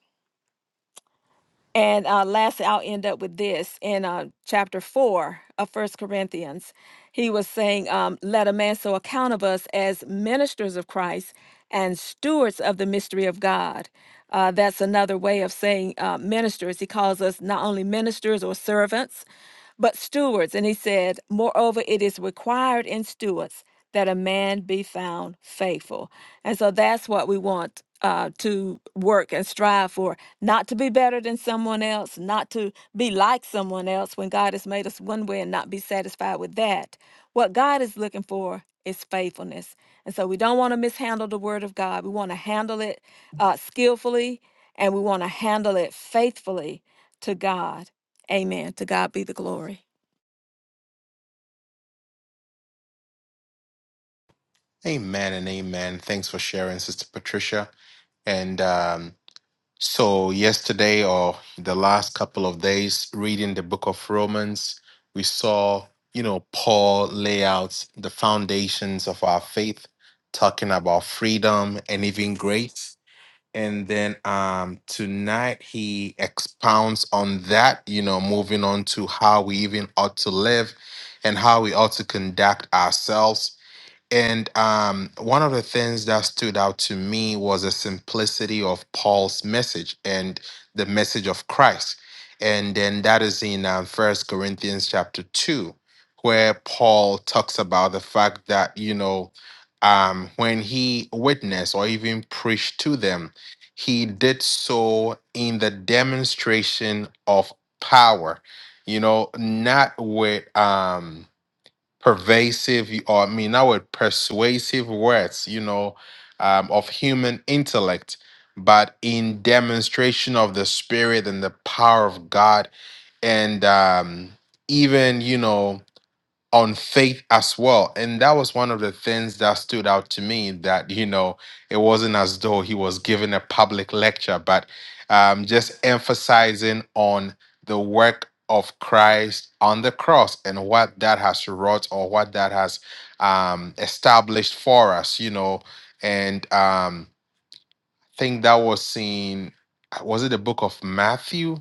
S2: and uh, lastly, I'll end up with this in uh, chapter four of First Corinthians. He was saying, um, "Let a man so account of us as ministers of Christ and stewards of the mystery of God." Uh, that's another way of saying uh, ministers. He calls us not only ministers or servants, but stewards. And he said, "Moreover, it is required in stewards." that a man be found faithful. And so that's what we want uh, to work and strive for not to be better than someone else, not to be like someone else when God has made us one way and not be satisfied with that. What God is looking for is faithfulness. And so we don't want to mishandle the word of God. We want to handle it uh, skillfully and we want to handle it faithfully to God. Amen. To God be the glory.
S1: Amen and amen. Thanks for sharing, Sister Patricia. And um, so, yesterday or the last couple of days, reading the book of Romans, we saw, you know, Paul lay out the foundations of our faith, talking about freedom and even grace. and then um tonight he expounds on that you know moving on to how we even ought to live and how we ought to conduct ourselves and um, one of the things that stood out to me was the simplicity of Paul's message and the message of Christ. And then that is in um, 1 Corinthians chapter 2, where Paul talks about the fact that, you know, um, when he witnessed or even preached to them, he did so in the demonstration of power, you know, not with. Um, pervasive or I mean I would persuasive words, you know, um, of human intellect, but in demonstration of the spirit and the power of God and um even you know on faith as well. And that was one of the things that stood out to me that, you know, it wasn't as though he was giving a public lecture, but um, just emphasizing on the work of Christ on the cross and what that has wrought or what that has um, established for us, you know. And, um, think that was seen uh, was it the book of matthew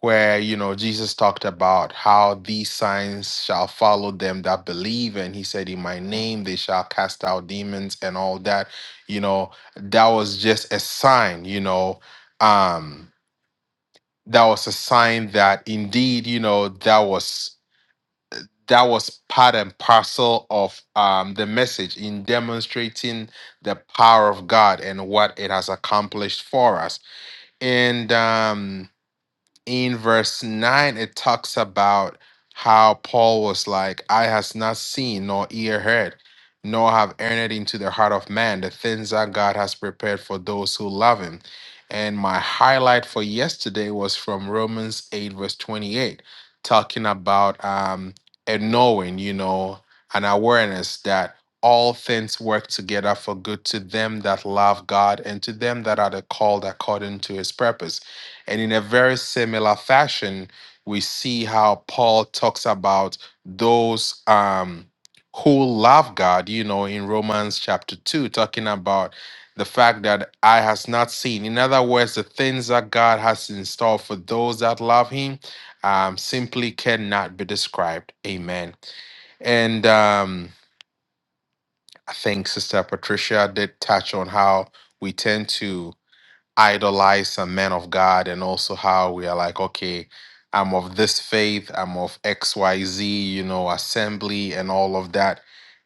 S1: where you know jesus talked about how these signs shall follow them that believe and he said in my name they shall cast out demons and all that you know that was just a sign you know um that was a sign that indeed you know that was that was part and parcel of um, the message in demonstrating the power of God and what it has accomplished for us and um in verse 9 it talks about how paul was like i has not seen nor ear heard nor have entered into the heart of man the things that god has prepared for those who love him and my highlight for yesterday was from romans 8 verse 28 talking about um a knowing you know an awareness that all things work together for good to them that love God and to them that are the called according to his purpose. And in a very similar fashion, we see how Paul talks about those um, who love God, you know, in Romans chapter 2, talking about the fact that I has not seen. In other words, the things that God has in store for those that love him um, simply cannot be described. Amen. And um, I think Sister Patricia did touch on how we tend to idolize some men of God and also how we are like, okay, I'm of this faith, I'm of XYZ, you know, assembly and all of that.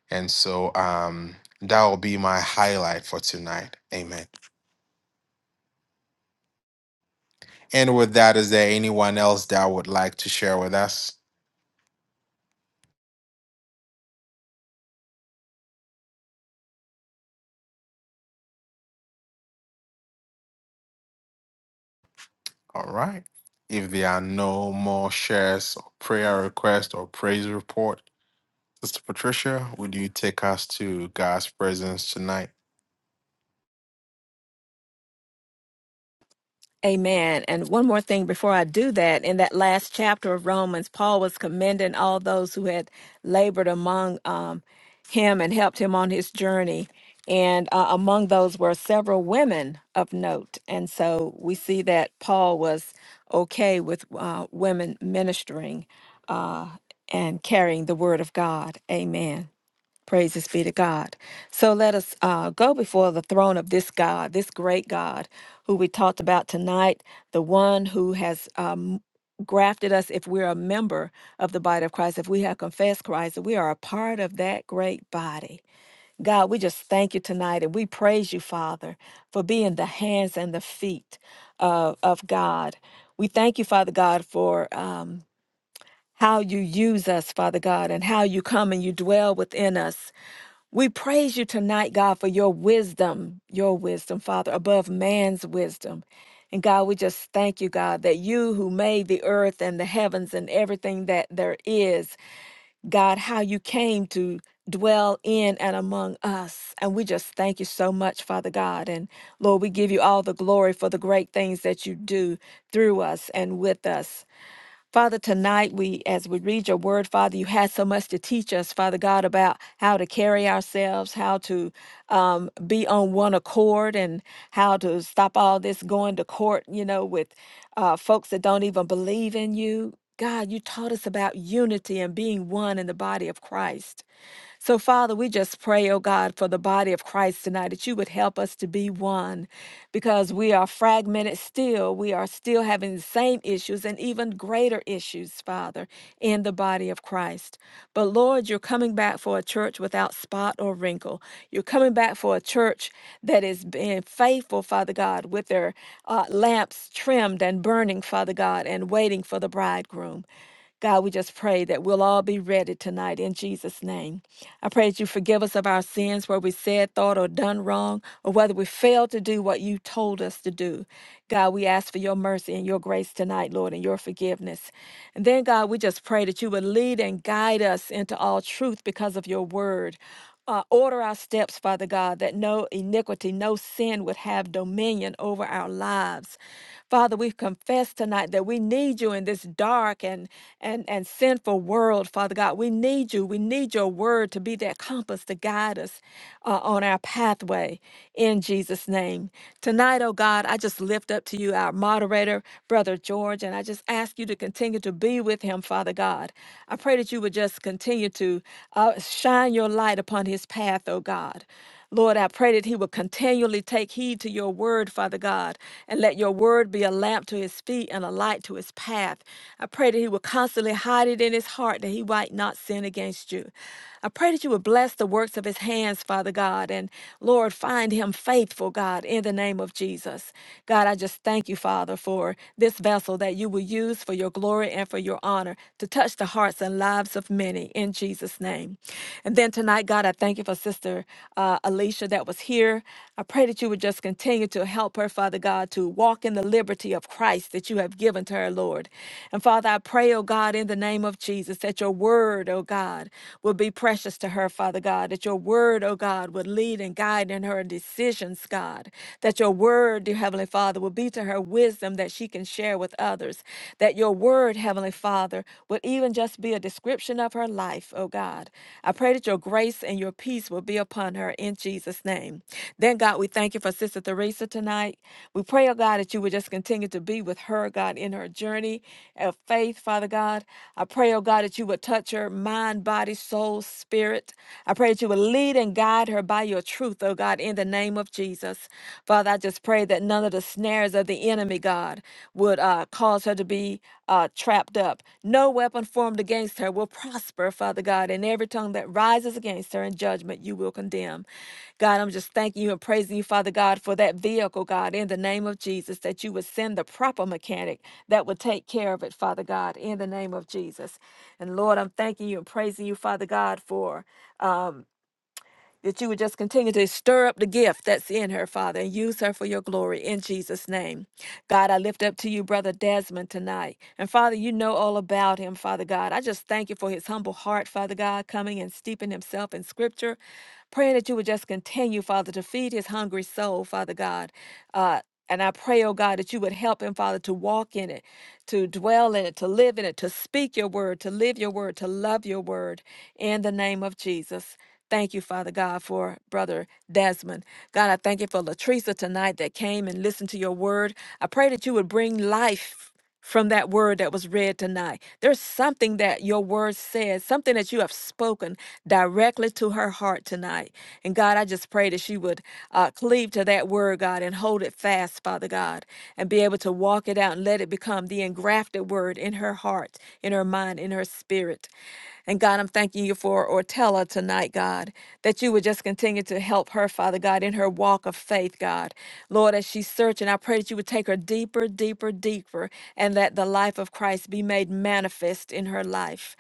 S1: And so um that will be my highlight for tonight. Amen. And with that, is there anyone else that would like to share with us? All right. If there are no more shares or prayer request or praise report, Sister Patricia, would you take us to God's presence tonight?
S2: Amen. And one more thing before I do that, in that last chapter of Romans, Paul was commending all those who had labored among um, him and helped him on his journey. And uh, among those were several women of note. And so we see that Paul was okay with uh, women ministering uh, and carrying the word of God. Amen. Praises be to God. So let us uh, go before the throne of this God, this great God who we talked about tonight, the one who has um, grafted us, if we're a member of the body of Christ, if we have confessed Christ, we are a part of that great body. God, we just thank you tonight and we praise you, Father, for being the hands and the feet of, of God. We thank you, Father God, for. Um, how you use us, Father God, and how you come and you dwell within us. We praise you tonight, God, for your wisdom, your wisdom, Father, above man's wisdom. And God, we just thank you, God, that you who made the earth and the heavens and everything that there is, God, how you came to dwell in and among us. And we just thank you so much, Father God. And Lord, we give you all the glory for the great things that you do through us and with us. Father, tonight we, as we read your word, Father, you had so much to teach us, Father God, about how to carry ourselves, how to um, be on one accord, and how to stop all this going to court, you know, with uh, folks that don't even believe in you. God, you taught us about unity and being one in the body of Christ. So, Father, we just pray, oh God, for the body of Christ tonight that you would help us to be one because we are fragmented still. We are still having the same issues and even greater issues, Father, in the body of Christ. But, Lord, you're coming back for a church without spot or wrinkle. You're coming back for a church that is being faithful, Father God, with their uh, lamps trimmed and burning, Father God, and waiting for the bridegroom. God, we just pray that we'll all be ready tonight in Jesus' name. I pray that you forgive us of our sins where we said, thought, or done wrong, or whether we failed to do what you told us to do. God, we ask for your mercy and your grace tonight, Lord, and your forgiveness. And then, God, we just pray that you would lead and guide us into all truth because of your word. Uh, order our steps, Father God, that no iniquity, no sin would have dominion over our lives. Father, we confess tonight that we need you in this dark and and and sinful world, Father God. We need you. We need your word to be that compass to guide us uh, on our pathway in Jesus' name. Tonight, oh God, I just lift up to you our moderator, Brother George, and I just ask you to continue to be with him, Father God. I pray that you would just continue to uh, shine your light upon his path, oh God. Lord, I pray that he will continually take heed to your word, Father God, and let your word be a lamp to his feet and a light to his path. I pray that he will constantly hide it in his heart that he might not sin against you. I pray that you would bless the works of his hands, Father God, and Lord, find him faithful, God, in the name of Jesus. God, I just thank you, Father, for this vessel that you will use for your glory and for your honor to touch the hearts and lives of men many in Jesus' name. And then tonight, God, I thank you for Sister uh, Alicia that was here. I pray that you would just continue to help her, Father God, to walk in the liberty of Christ that you have given to her, Lord. And Father, I pray, oh God, in the name of Jesus, that your word, oh God, will be precious to her, Father God, that your word, oh God, would lead and guide in her decisions, God, that your word, dear Heavenly Father, will be to her wisdom that she can share with with others, that your word, Heavenly Father, would even just be a description of her life, oh God. I pray that your grace and your peace will be upon her in Jesus' name. Then, God, we thank you for Sister Theresa tonight. We pray, oh God, that you would just continue to be with her, God, in her journey of faith, Father God. I pray, oh God, that you would touch her mind, body, soul, spirit. I pray that you would lead and guide her by your truth, oh God, in the name of Jesus. Jesus. Father, I just pray that none of the snares of the enemy, God, would uh, cause her to be uh, trapped up. No weapon formed against her will prosper, Father God, and every tongue that rises against her in judgment, you will condemn. God, I'm just thanking you and praising you, Father God, for that vehicle, God, in the name of Jesus, that you would send the proper mechanic that would take care of it, Father God, in the name of Jesus. And Lord, I'm thanking you and praising you, Father God, for. Um, that you would just continue to stir up the gift that's in her, Father, and use her for your glory in Jesus' name. God, I lift up to you, Brother Desmond, tonight. And Father, you know all about him, Father God. I just thank you for his humble heart, Father God, coming and steeping himself in scripture, praying that you would just continue, Father, to feed his hungry soul, Father God. Uh, and I pray, oh God, that you would help him, Father, to walk in it, to dwell in it, to live in it, to speak your word, to live your word, to love your word in the name of Jesus. Thank you, Father God, for Brother Desmond. God, I thank you for Latricia tonight that came and listened to your word. I pray that you would bring life from that word that was read tonight. There's something that your word says, something that you have spoken directly to her heart tonight. And God, I just pray that she would uh, cleave to that word, God, and hold it fast, Father God, and be able to walk it out and let it become the engrafted word in her heart, in her mind, in her spirit. And God, I'm thanking you for Ortella tonight, God, that you would just continue to help her, Father God, in her walk of faith, God. Lord, as she's searching, I pray that you would take her deeper, deeper, deeper, and that the life of Christ be made manifest in her life.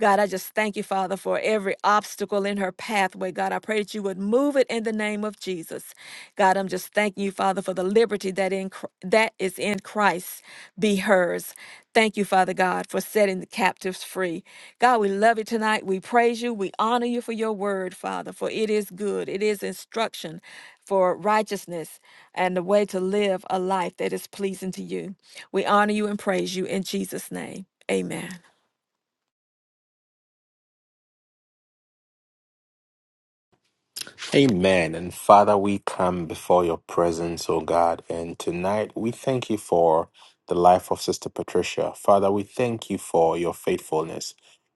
S2: God, I just thank you, Father, for every obstacle in her pathway. God, I pray that you would move it in the name of of Jesus. God, I'm just thanking you, Father, for the liberty that in Chr- that is in Christ be hers. Thank you, Father God, for setting the captives free. God, we love you tonight. We praise you. We honor you for your word, Father, for it is good. It is instruction for righteousness and the way to live a life that is pleasing to you. We honor you and praise you in Jesus' name. Amen.
S1: Amen. And Father, we come before your presence, O God. And tonight we thank you for the life of Sister Patricia. Father, we thank you for your faithfulness.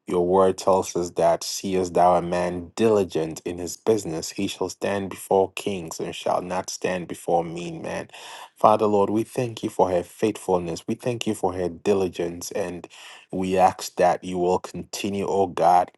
S1: Your word tells us that, seest thou a man diligent in his business, he shall stand before kings and shall not stand before mean men. Father, Lord, we thank you for her faithfulness. We thank you for her diligence. And we ask that you will continue, O God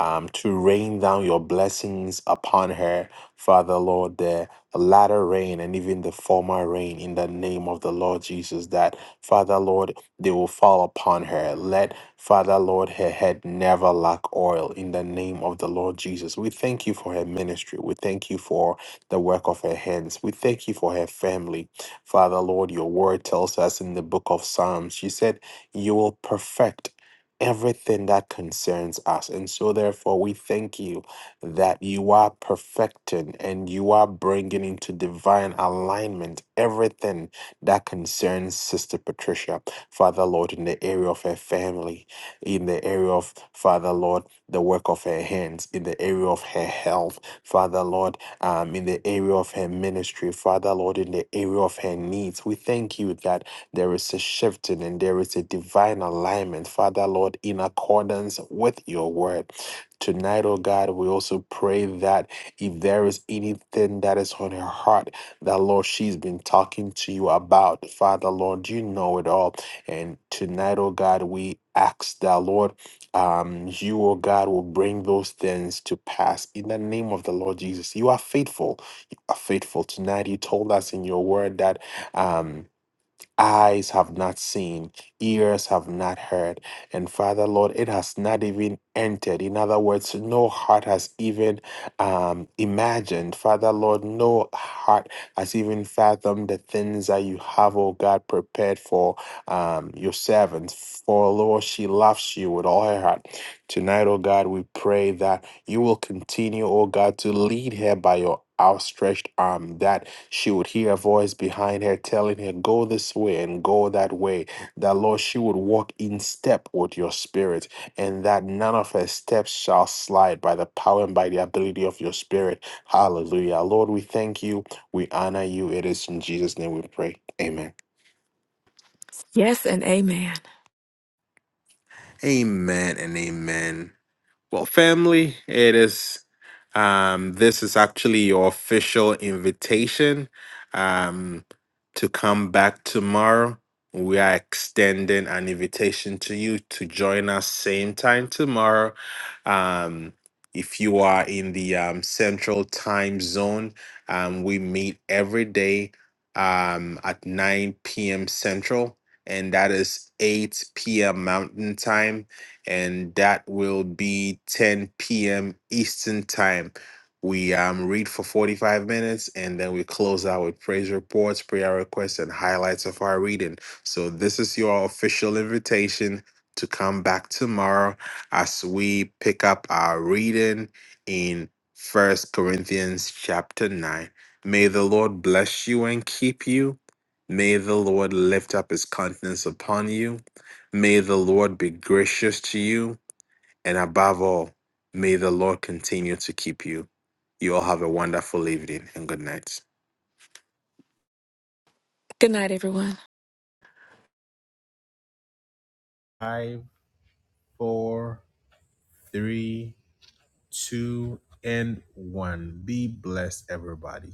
S1: um, to rain down your blessings upon her, Father Lord, the latter rain and even the former rain in the name of the Lord Jesus, that Father Lord, they will fall upon her. Let Father Lord, her head never lack oil in the name of the Lord Jesus. We thank you for her ministry. We thank you for the work of her hands. We thank you for her family. Father Lord, your word tells us in the book of Psalms, you said, You will perfect everything that concerns us. And so, therefore, we thank you that you are perfecting and you are bringing into divine alignment everything that concerns Sister Patricia, Father Lord, in the area of her family, in the area of, Father Lord, the work of her hands, in the area of her health, Father Lord, um, in the area of her ministry, Father Lord, in the area of her needs. We thank you that. There is a shifting and there is a divine alignment, Father Lord, in accordance with your word. Tonight, oh God, we also pray that if there is anything that is on her heart that, Lord, she's been talking to you about, Father Lord, you know it all. And tonight, oh God, we ask that, Lord, um, you, oh God, will bring those things to pass in the name of the Lord Jesus. You are faithful. You are faithful. Tonight, you told us in your word that. Um, eyes have not seen, ears have not heard. And Father, Lord, it has not even entered. In other words, no heart has even um, imagined. Father, Lord, no heart has even fathomed the things that you have, oh God, prepared for um, your servants. For, Lord, she loves you with all her heart. Tonight, oh God, we pray that. You will continue, O God, to lead her by your outstretched arm, that she would hear a voice behind her telling her, Go this way and go that way. That, Lord, she would walk in step with your spirit, and that none of her steps shall slide by the power and by the ability of your spirit. Hallelujah. Lord, we thank you. We honor you. It is in Jesus' name we pray. Amen.
S2: Yes and amen.
S1: Amen and amen. Well, family, it is. Um, this is actually your official invitation um, to come back tomorrow. We are extending an invitation to you to join us same time tomorrow. Um, if you are in the um, central time zone, um, we meet every day um, at 9 p.m. Central, and that is 8 p.m. Mountain time and that will be 10 p.m. Eastern Time. We um, read for 45 minutes and then we close out with praise reports, prayer requests, and highlights of our reading. So, this is your official invitation to come back tomorrow as we pick up our reading in First Corinthians chapter 9. May the Lord bless you and keep you. May the Lord lift up his countenance upon you. May the Lord be gracious to you, and above all, may the Lord continue to keep you. You all have a wonderful evening and good night.
S2: Good night, everyone.
S1: Five, four, three, two, and one. Be blessed, everybody.